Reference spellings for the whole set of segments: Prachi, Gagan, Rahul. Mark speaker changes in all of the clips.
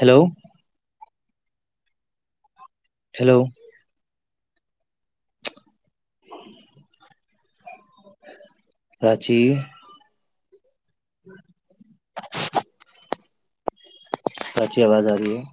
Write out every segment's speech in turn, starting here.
Speaker 1: Hello hello Prachi Prachi आवाज आ रही है?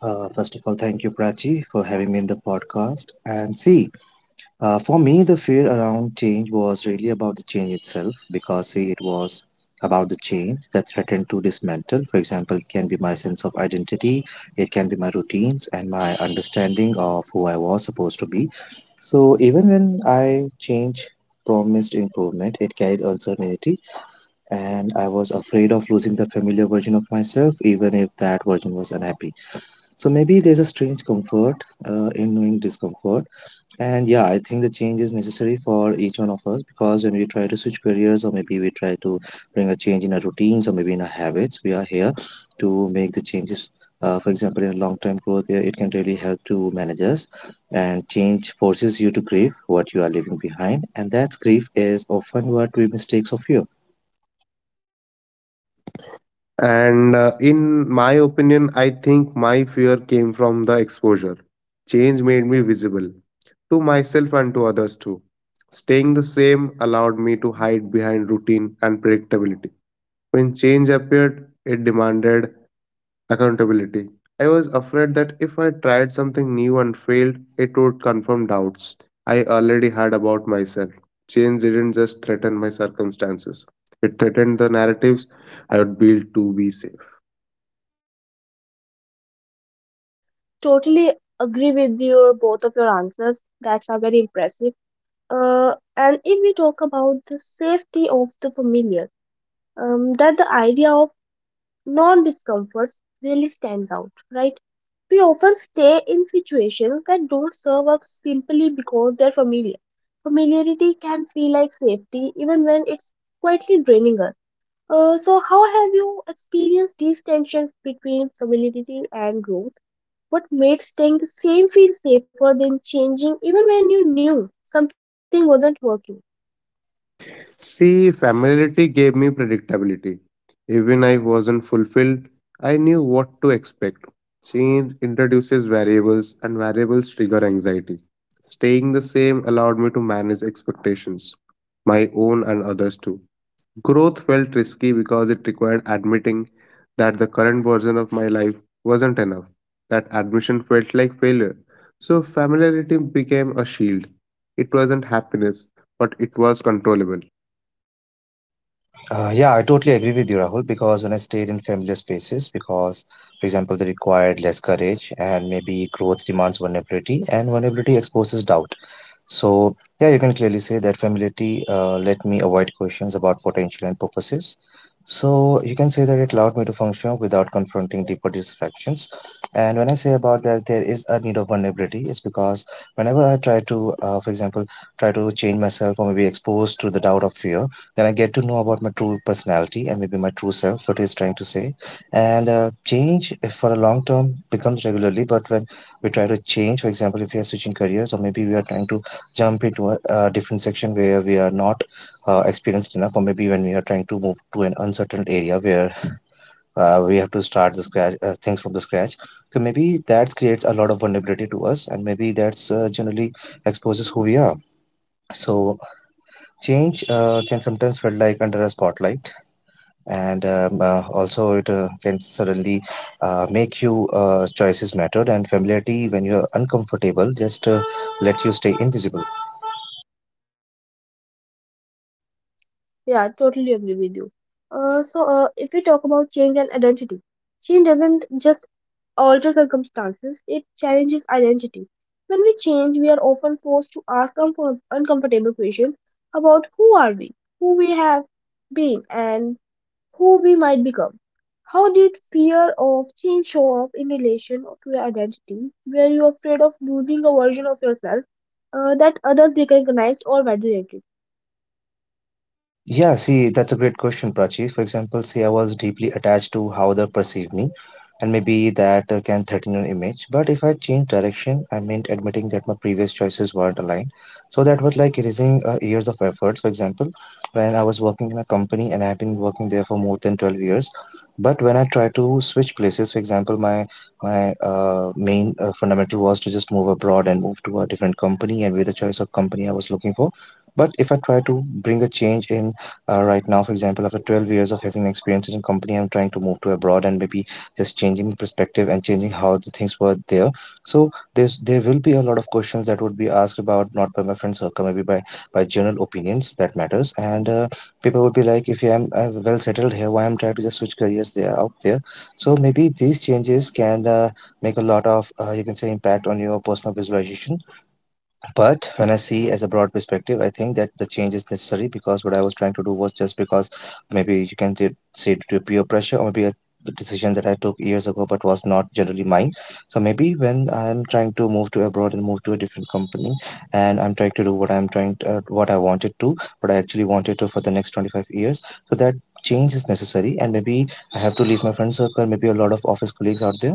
Speaker 1: First of all, thank you, Prachi, for having me in the podcast. And see, for me, the fear around change was really about the change itself because, see, it was about the change that threatened to dismantle. For example, it can be my sense of identity, it can be my routines, and my understanding of who I was supposed to be. So, even when I change promised improvement, it carried uncertainty, and I was afraid of losing the familiar version of myself, even if that version was unhappy. So maybe there's a strange comfort in knowing discomfort. And yeah, I think the change is necessary for each one of us because when we try to switch careers or maybe we try to bring a change in our routines or maybe in our habits, we are here to make the changes. For example, in long-term growth, yeah, it can really help to manage us. And change forces you to grieve what you are leaving behind, and that grief is often what we mistake for fear.
Speaker 2: And In my opinion, I think my fear came from the exposure. Change made me visible to myself and to others too. Staying the same allowed me to hide behind routine and predictability. When change appeared, it demanded accountability. I was afraid that if I tried something new and failed, it would confirm doubts I already had about myself. Change didn't just threaten my circumstances, it threatened the narratives I would build to be safe. See, familiarity gave me predictability. Even I wasn't fulfilled, I knew what to expect. Change introduces variables, and variables trigger anxiety. Staying the same allowed me to manage expectations, my own and others too. Growth felt risky because it required admitting that the current version of my life wasn't enough. That admission felt like failure. So, familiarity became a shield. It wasn't happiness, but it was controllable.
Speaker 1: Yeah, I totally agree with you, Rahul, because when I stayed in familiar spaces, because, for example, they required less courage and maybe growth demands vulnerability and vulnerability exposes doubt. So, yeah, you can clearly say that familiarity let me avoid questions about potential and purposes. So, you can say that it allowed me to function without confronting deeper distractions. And when I say about that, there is a need of vulnerability, is because whenever I try to, for example, try to change myself or maybe exposed to the doubt of fear, then I get to know about my true personality and maybe my true self, what is trying to say. And change if for a long term becomes regularly, but when we try to change, for example, if we are switching careers or maybe we are trying to jump into a different section where we are not experienced enough or maybe when we are trying to move to an uncertain area where we have to start the scratch things from the scratch, so maybe that creates a lot of vulnerability to us, and maybe that's generally exposes who we are. So change can sometimes feel like under a spotlight, and also it can suddenly make you choices mattered, and familiarity when you're uncomfortable just let you stay invisible. Yeah, see, that's a great question, Prachi. For example, see, I was deeply attached to how they perceive me, and maybe that can threaten an image. But if I change direction, I meant admitting that my previous choices weren't aligned. So that was like erasing years of effort. For example, when I was working in a company and I've been working there for more than 12 years, but when I tried to switch places, for example, my main fundamental was to just move abroad and move to a different company and with the choice of company I was looking for. But if I try to bring a change in right now, for example, after 12 years of having experience in a company, i'm trying to move to abroad and maybe just changing perspective and changing how the things were there. So there will be a lot of questions that would be asked about, not by my friend circle, maybe by general opinions that matters, and people would be like, if i'm, i'm well settled here, why i'm trying to just switch careers there out there. So maybe these changes can make a lot of you can say impact on your personal visualization. But when i see as a broad perspective, i think that the change is necessary because what i was trying to do was just because maybe you can say, due to peer pressure or maybe a decision that i took years ago but was not generally mine. So maybe when i'm trying to move to abroad and move to a different company, and i'm trying to do what i'm trying to, what i wanted to, what i actually wanted to for the next 25 years. So that change is necessary, and maybe i have to leave my friend circle, maybe a lot of office colleagues out there.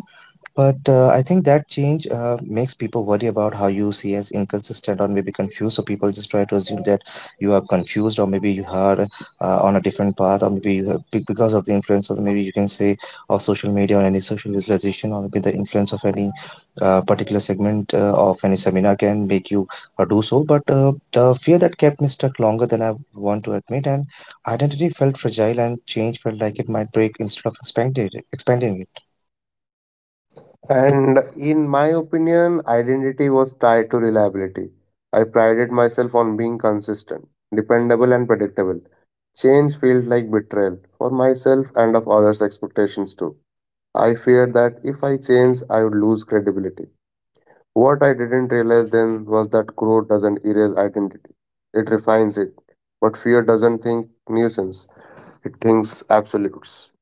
Speaker 1: But I think that change makes people worry about how you see as inconsistent or maybe confused. So people just try to assume that you are confused or maybe you are on a different path, or maybe you have, because of the influence of maybe you can say of social media or any social visualization, or maybe the influence of any particular segment of any seminar can make you do so. But the fear that kept me stuck longer than I want to admit, and identity felt fragile and change felt like it might break instead of expanding it.
Speaker 2: And in my opinion, identity was tied to reliability. I prided myself on being consistent, dependable, and predictable. Change felt like betrayal for myself and of others' expectations too. I feared that if I changed, I would lose credibility. What I didn't realize then was that growth doesn't erase identity, it refines it. But fear doesn't think nuisance, it thinks absolutes.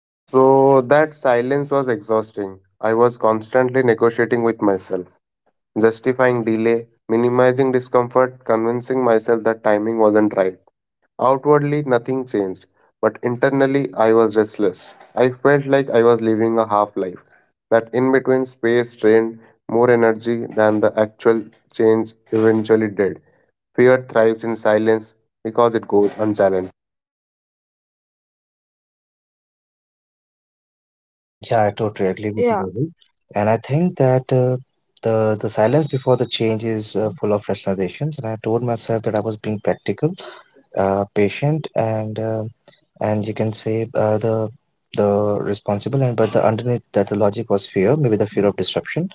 Speaker 2: So that silence was exhausting. I was constantly negotiating with myself, justifying delay, minimizing discomfort, convincing myself that timing wasn't right. Outwardly, nothing changed, but internally, I was restless. I felt like I was living a half life. That in between space drained more energy than the actual change eventually did. Fear thrives in silence because it goes unchallenged.
Speaker 1: Yeah, I totally agree with you, Rahul. And I think that the silence before the change is full of rationalizations. And I told myself that I was being practical, patient, and you can say the responsible. And but the underneath that the logic was fear, maybe the fear of disruption.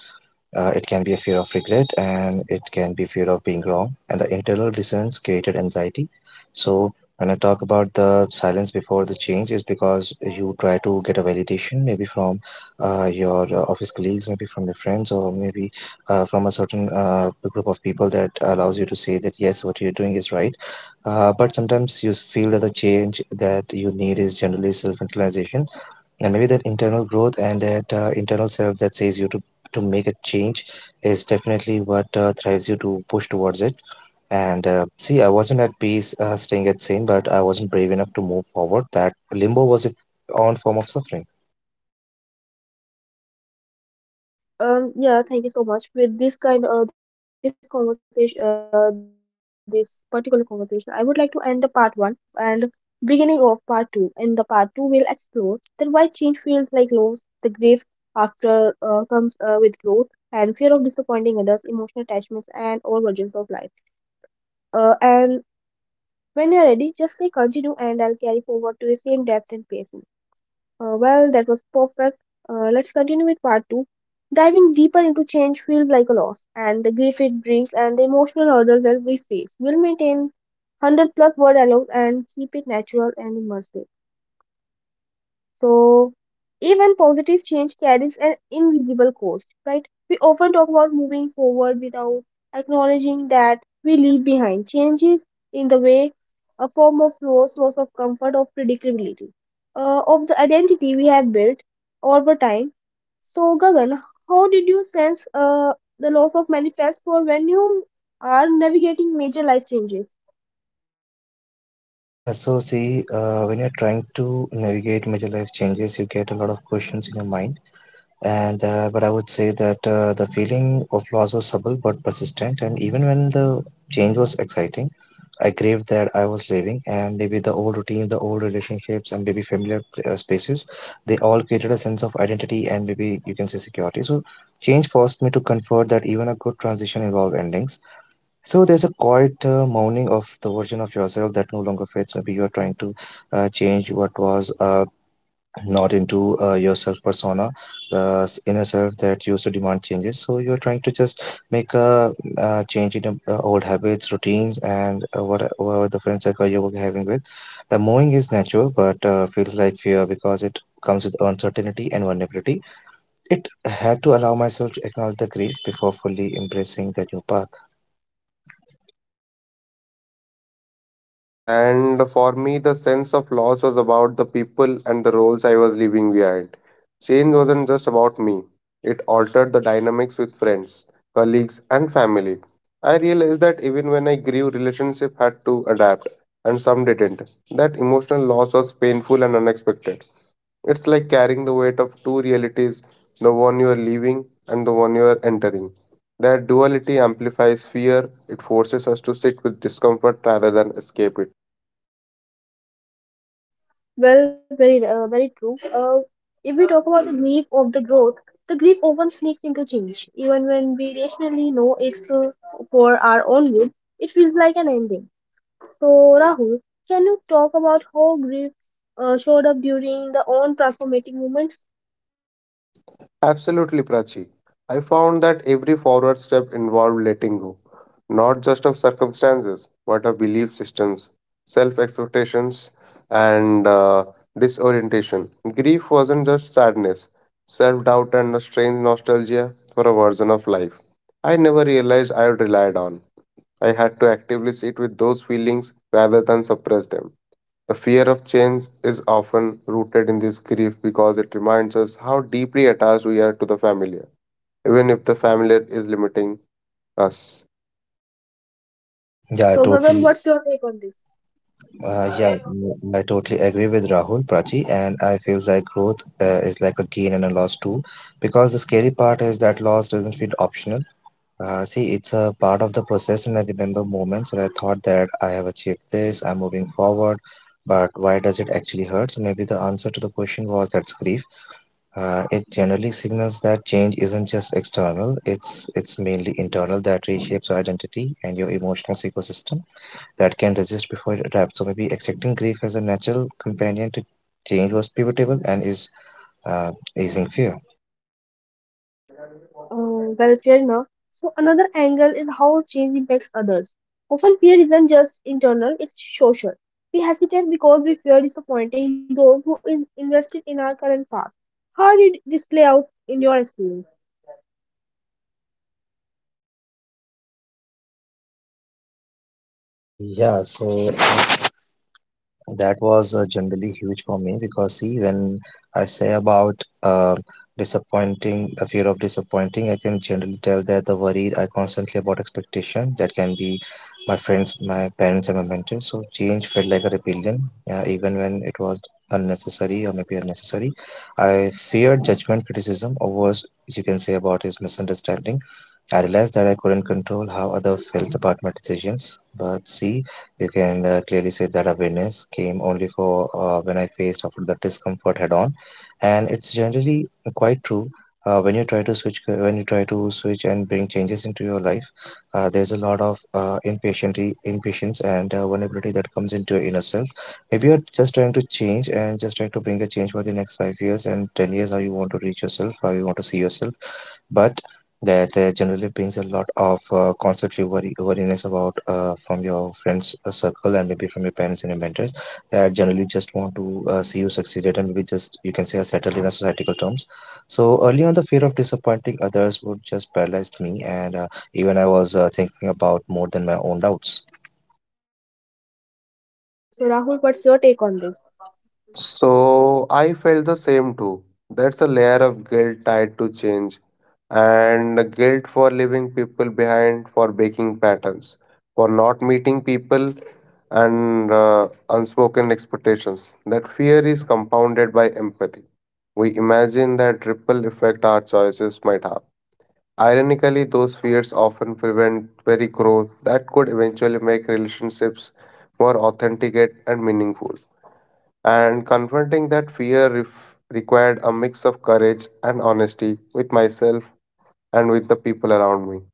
Speaker 1: It can be a fear of regret, and it can be fear of being wrong, and the internal dissonance created anxiety. So when i talk about the silence before the change is because you try to get a validation maybe from your office colleagues, maybe from your friends, or maybe from a certain group of people that allows you to say that yes what you're doing is right. But sometimes you feel that the change that you need is generally self-internalization, and maybe that internal growth and that internal self that says you to make a change is definitely what drives you to push towards it. And see i wasn't at peace staying at same, but i wasn't brave enough to move forward. That limbo was a own form of suffering. Yeah, so see, when you're trying to navigate major life changes you get a lot of questions in your mind, and but i would say that the feeling of loss was subtle but persistent, and even when the change was exciting, I craved that I was leaving, and maybe the old routine, the old relationships, and maybe familiar spaces, they all created a sense of identity and maybe you can say security. So, change forced me to comfort that even a good transition involves endings. So, there's a quiet mourning of the version of yourself that no longer fits. Maybe you're trying to change what was not into your self persona, the inner self that used to demand changes. So you're trying to just make a change in old habits, routines, and whatever the friend circle you were having with. The moving is natural, but feels like fear because it comes with uncertainty and vulnerability. It had to allow myself to acknowledge the grief before fully embracing the new path.
Speaker 2: And for me, the sense of loss was about the people and the roles I was leaving behind. Change wasn't just about me, it altered the dynamics with friends, colleagues, and family. I realized that even when I grew, relationship had to adapt, and some didn't. That emotional loss was painful and unexpected. It's like carrying the weight of two realities, the one you are leaving and the one you are entering. That duality amplifies fear, it forces us to sit with discomfort rather than escape it. Absolutely, Prachi. I found that every forward step involved letting go, not just of circumstances, but of belief systems, self expectations, and disorientation. Grief wasn't just sadness, self doubt, and a strange nostalgia for a version of life I never realized I had relied on. I had to actively sit with those feelings rather than suppress them. The fear of change is often rooted in this grief because it reminds us how deeply attached we are to the familiar, even if the familiar is limiting us.
Speaker 1: Yeah, I totally yeah, I totally agree with Rahul Prachi, and I feel like growth is like a gain and a loss too, because the scary part is that loss doesn't feel optional. See, it's a part of the process, and I remember moments where I thought that I have achieved this, I'm moving forward, but why does it actually hurt? So maybe the answer to the question was that's grief. It generally signals that change isn't just external; it's mainly internal that reshapes your identity and your emotional ecosystem that can resist before it adapts. So maybe accepting grief as a natural companion to change was pivotal and is uh, easing fear. Yeah, so that was generally huge for me because see, when I say about disappointing, a fear of disappointing, I can generally tell that the worry I constantly about expectation that can be my friends, my parents, and my mentors. So change felt like a rebellion, yeah, even when it was unnecessary or maybe unnecessary. I feared judgment, criticism, or worse, you can say about his misunderstanding. I realized that I couldn't control how others felt about my decisions, but see you can clearly say that awareness came only for when I faced after the discomfort head on, and it's generally quite true. When you try to switch, and bring changes into your life, there's a lot of impatiently impatience and vulnerability that comes into your inner self. Maybe you're just trying to change and just trying to bring a change for the next five years and ten years, how you want to reach yourself, how you want to see yourself, but that generally brings a lot of constantly worry worriness about from your friends circle and maybe from your parents and your mentors that generally just want to see you succeeded and maybe just you can say are settled in a societal terms. So early on the fear of disappointing others would just paralyzed me and even I was thinking about more than my own doubts.
Speaker 2: So I felt the same too. That's a layer of guilt tied to change and the guilt for leaving people behind, for breaking patterns, for not meeting people and unspoken expectations. That fear is compounded by empathy. We imagine that ripple effect our choices might have. Ironically, those fears often prevent very growth that could eventually make relationships more authentic and meaningful. And confronting that fear required a mix of courage and honesty with myself and with the people around me.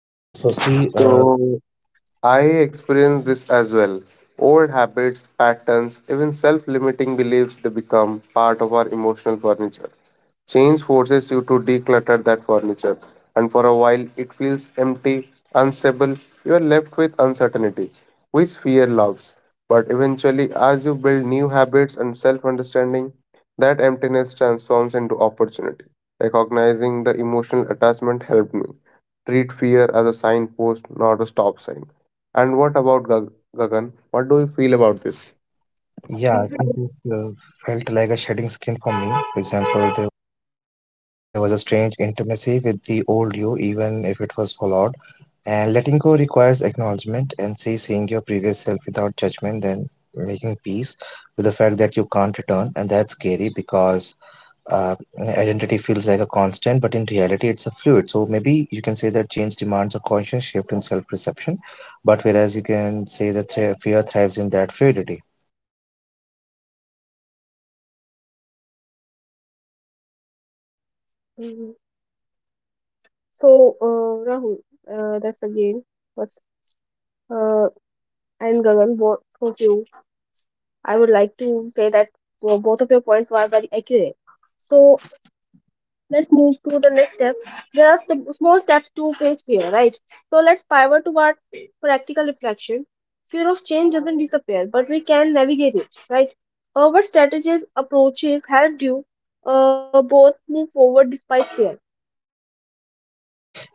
Speaker 1: Yeah, so see.
Speaker 2: So I experience this as well. Old habits, patterns, even self limiting beliefs, they become part of our emotional furniture. Change forces you to declutter that furniture, and for a while it feels empty, unstable. You are left with uncertainty, which fear loves. But eventually, as you build new habits and self understanding, that emptiness transforms into opportunity. Recognizing the emotional attachment helped me treat fear as a signpost, not a stop sign. And what about Gagan? What do you feel about this?
Speaker 1: Yeah, I think it felt like a shedding skin for me, for example there. There was a strange intimacy with the old you, even if it was flawed. And letting go requires acknowledgement and say seeing your previous self without judgment, then making peace with the fact that you can't return. And that's scary because uh, identity feels like a constant, but in reality, it's a fluid. So maybe you can say that change demands a conscious shift in self perception, but whereas you can say that fear thrives in that fluidity.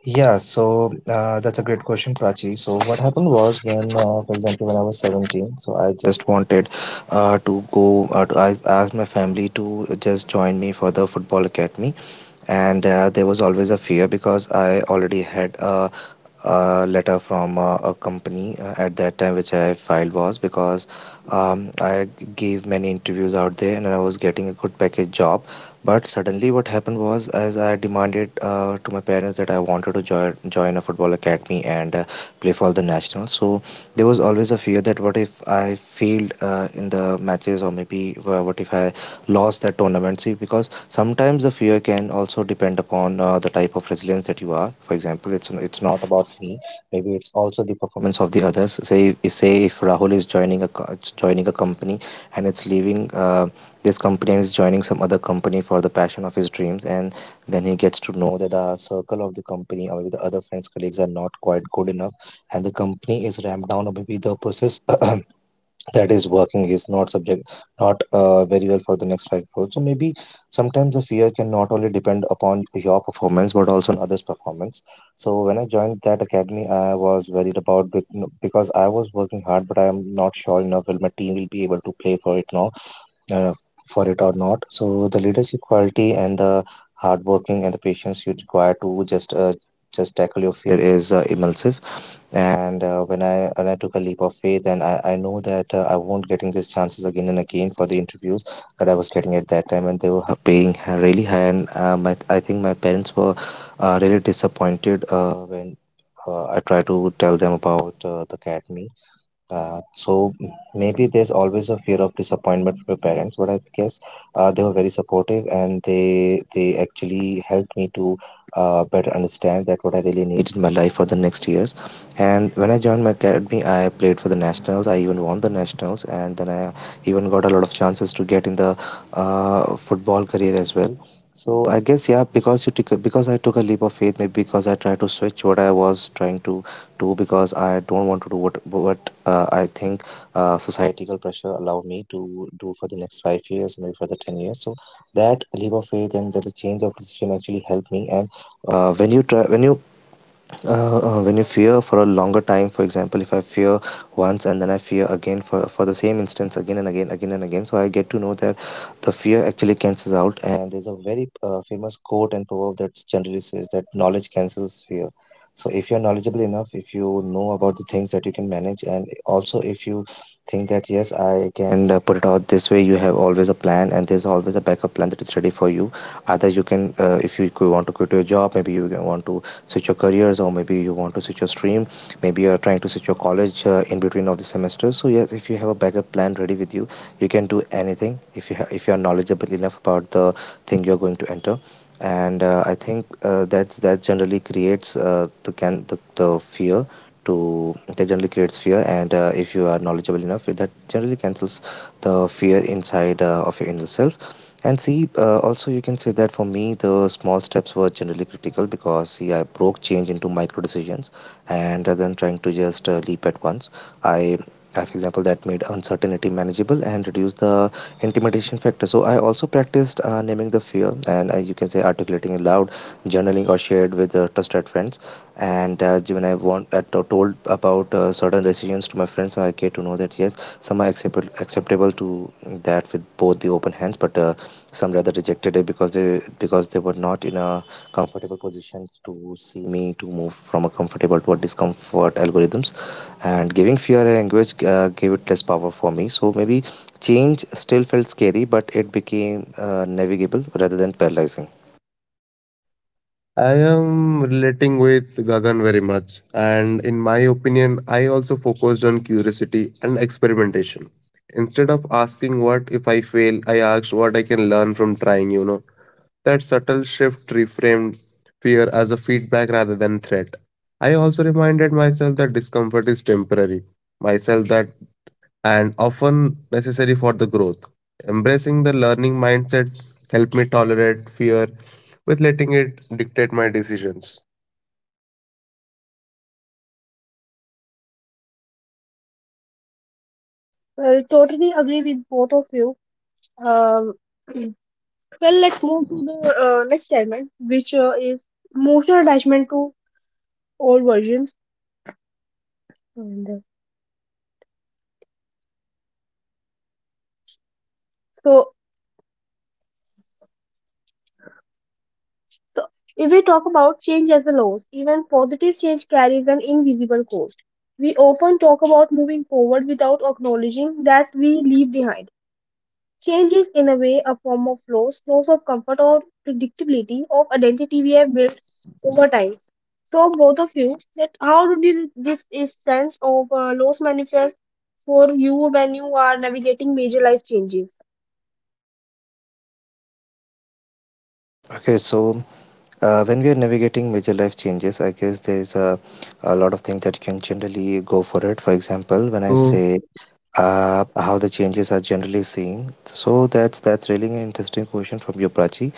Speaker 1: Yeah, so that's a great question, Prachi. So what happened was when, for example, when I was 17, so I just wanted to go. To, I asked my family to just join me for the football academy, and there was always a fear because I already had a, a letter from a company at that time which I filed was because I gave many interviews out there and I was getting a good package job. But suddenly, what happened was, as I demanded to my parents that I wanted to join a football academy and play for the national, so there was always a fear that what if I failed in the matches or maybe what if I lost that tournament. See, because sometimes the fear can also depend upon the type of resilience that you are, for example it's not about me, maybe it's also the performance of the others. Say if Rahul is joining a joining a company and it's leaving this company and is joining some other company for the passion of his dreams, and then he gets to know that the circle of the company or maybe the other friends colleagues are not quite good enough, and the company is ramped down or maybe the process that is working is not subject, not very well for the next five crores. So maybe sometimes the fear can not only depend upon your performance but also on others performance. So when I joined that academy I was worried about because I was working hard but I am not sure enough if my team will be able to play for it now, uh, for it or not. So the leadership quality and the hard working and the patience you require to just just tackle your fear is immersive. And when I took a leap of faith, and I know that I won't getting these chances again and again for the interviews that I was getting at that time, and they were paying really high. And my I think my parents were really disappointed when I tried to tell them about the academy, so maybe there's always a fear of disappointment from your parents, but I guess they were very supportive and they actually helped me to better understand that what I really need in my life for the next years. And when I joined my academy, I played for the nationals. I even won the nationals, and then I even got a lot of chances to get in the football career as well. So I guess yeah, because I took a leap of faith, maybe because I tried to switch what I was trying to do because I don't want to do what I think societal pressure allowed me to do for the next five years, maybe for the ten years. So that leap of faith and that the change of decision actually helped me. And when you try, when you fear for a longer time, for example, if I fear once and then I fear again for, for the same instance again and again, so I get to know that the fear actually cancels out. And there's a very famous quote and proverb that generally says that knowledge cancels fear. So if you're knowledgeable enough, if you know about the things that you can manage, and also if you think that yes, I can put it out this way, you have always a plan, and there's always a backup plan that is ready for you. Either you can, if you want to quit your job, maybe you can want to switch your careers or maybe you want to switch your stream, maybe you are trying to switch your college in between of the semester. So yes, if you have a backup plan ready with you, you can do anything if you are knowledgeable enough about the thing you're going to enter. And I think that generally creates the fear to that generally creates fear. And if you are knowledgeable enough that generally cancels the fear inside of your inner self. And see, also you can say that for me, the small steps were generally critical because see, I broke change into micro decisions, and rather than trying to just leap at once, I, for example, that made uncertainty manageable and reduced the intimidation factor. So I also practiced naming the fear, and you can say articulating it loud, journaling or shared with trusted friends. And when I want told about certain decisions to my friends, so I get to know that yes, some are acceptable to that with both the open hands, but. Some rather rejected it because they were not in a comfortable position to see me to move from a comfortable to a discomfort algorithms. And giving fear a language gave it less power for me, so maybe change still felt scary but it became navigable rather than paralyzing.
Speaker 2: I am relating with Gagan very much, and in my opinion, I also focused on curiosity and experimentation. Instead of asking what if I fail, I asked what I can learn from trying, you know. That subtle shift reframed fear as a feedback rather than threat. I also reminded myself that discomfort is temporary, myself that and often necessary for the growth. Embracing the learning mindset helped me tolerate fear with letting it dictate my decisions.
Speaker 1: Okay, so when we are navigating major life changes I guess there's a, a lot of things that you can generally go for it, for example when I
Speaker 2: So,
Speaker 1: say how the changes are generally seen. So that's that's really an interesting question from you, Prachi.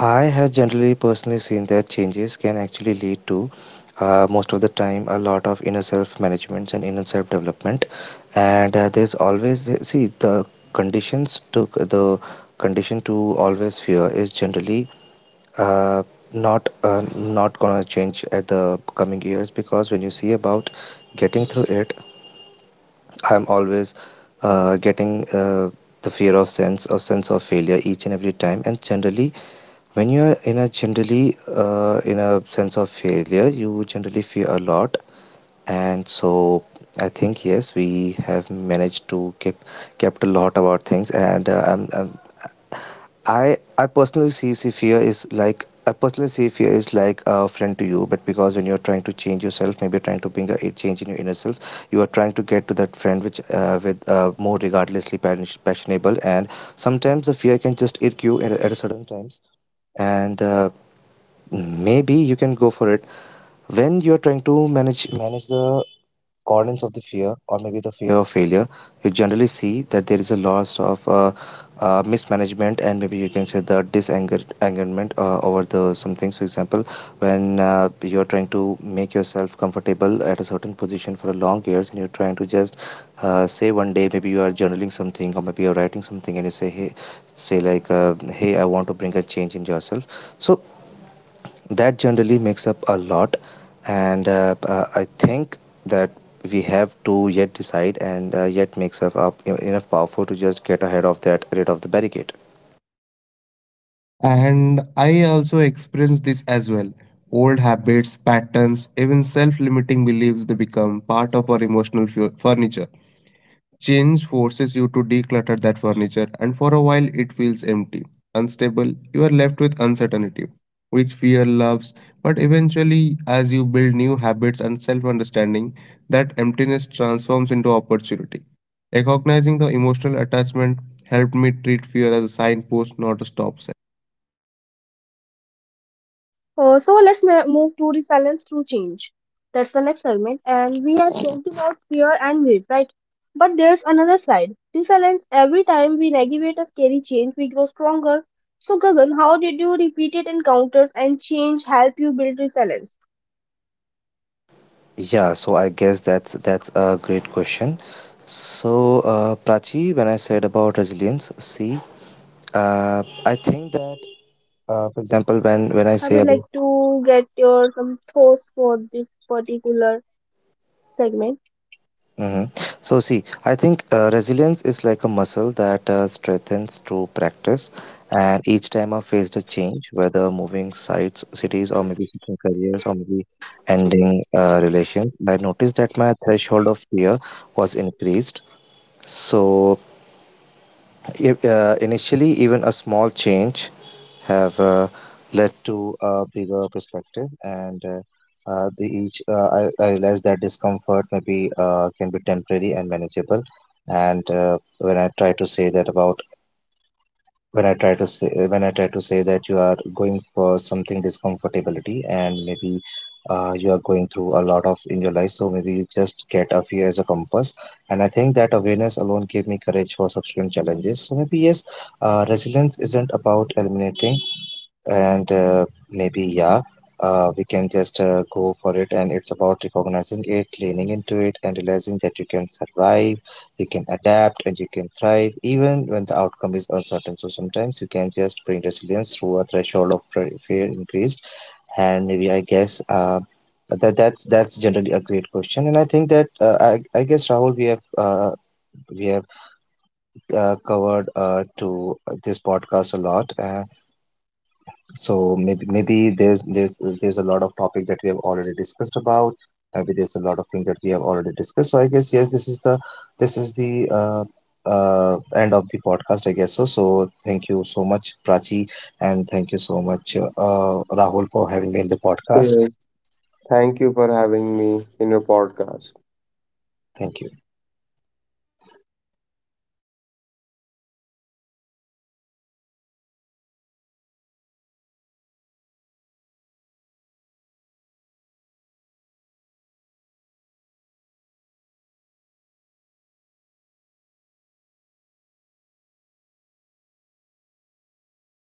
Speaker 1: I have generally personally seen that changes can actually lead to most of the time a lot of inner self management and inner self development, and there's always see the conditions to the condition to always fear is generally. Uh, not not gonna change at the coming years because when you see about getting through it I'm always getting the fear of sense of failure each and every time, and generally when you are in a generally in a sense of failure you generally fear a lot. And so I think yes we have managed to keep kept a lot about things. And I personally see fear is like a friend to you, but because when you're trying to change yourself, maybe trying to bring a, a change in your inner self, you are trying to get to that friend which with more regardlessly passionable, and sometimes the fear can just irk you at a certain times, and maybe you can go for it when you're trying to manage the cordons of the fear or maybe the fear of failure. You generally see that there is a loss of mismanagement and maybe you can say the disengagerment over the some things. For example, when you're trying to make yourself comfortable at a certain position for a long years and you're trying to just say one day maybe you are journaling something or maybe you're writing something and you say hey, say like hey I want to bring a change in yourself. So that generally makes up a lot. And I think that we have to yet decide and yet makes up you know, enough powerful to just get ahead of that rid of the barricade.
Speaker 2: and I also experienced this as well. Old habits, patterns, even self limiting beliefs, they become part of our emotional furniture. Change forces you to declutter that furniture, and for a while it feels empty, unstable. You are left with uncertainty, which fear loves. But eventually, as you build new habits and self understanding, that emptiness transforms into opportunity. Recognizing the emotional attachment helped me treat fear as a signpost, not a stop sign.
Speaker 1: Yeah, so I guess that's that's a great question. So Prachi, when I said about resilience see I think that for example when I say about. Mhm. So, see, I think resilience is like a muscle that strengthens through practice. And each time I faced a change, whether moving sites, cities, or maybe switching careers, or maybe ending relations, I noticed that my threshold of fear was increased. So, if, initially, even a small change have led to a bigger perspective, and I realized that discomfort maybe can be temporary and manageable. And when I try to say that about when I try to say when I try to say that you are going for something discomfortability and maybe you are going through a lot of in your life, so maybe you just get a fear as a compass. And I think that awareness alone gave me courage for subsequent challenges. So maybe yes, resilience isn't about eliminating. And maybe yeah we can just go for it, and it's about recognizing it, leaning into it and realizing that you can survive, you can adapt and you can thrive even when the outcome is uncertain. So sometimes you can just bring resilience through a threshold of fear increased. And maybe I guess that that's that's generally a great question. And I think that I guess Rahul we have we have covered to this podcast a lot. So maybe there's there's a lot of topic that we have already discussed about. Maybe there's a lot of things that we have already discussed. So I guess yes, this is the end of the podcast. I guess so. So thank you so much, Prachi, and thank you so much, Rahul, for having me in the podcast.
Speaker 2: Yes. Thank you for having me in your podcast.
Speaker 1: Thank you.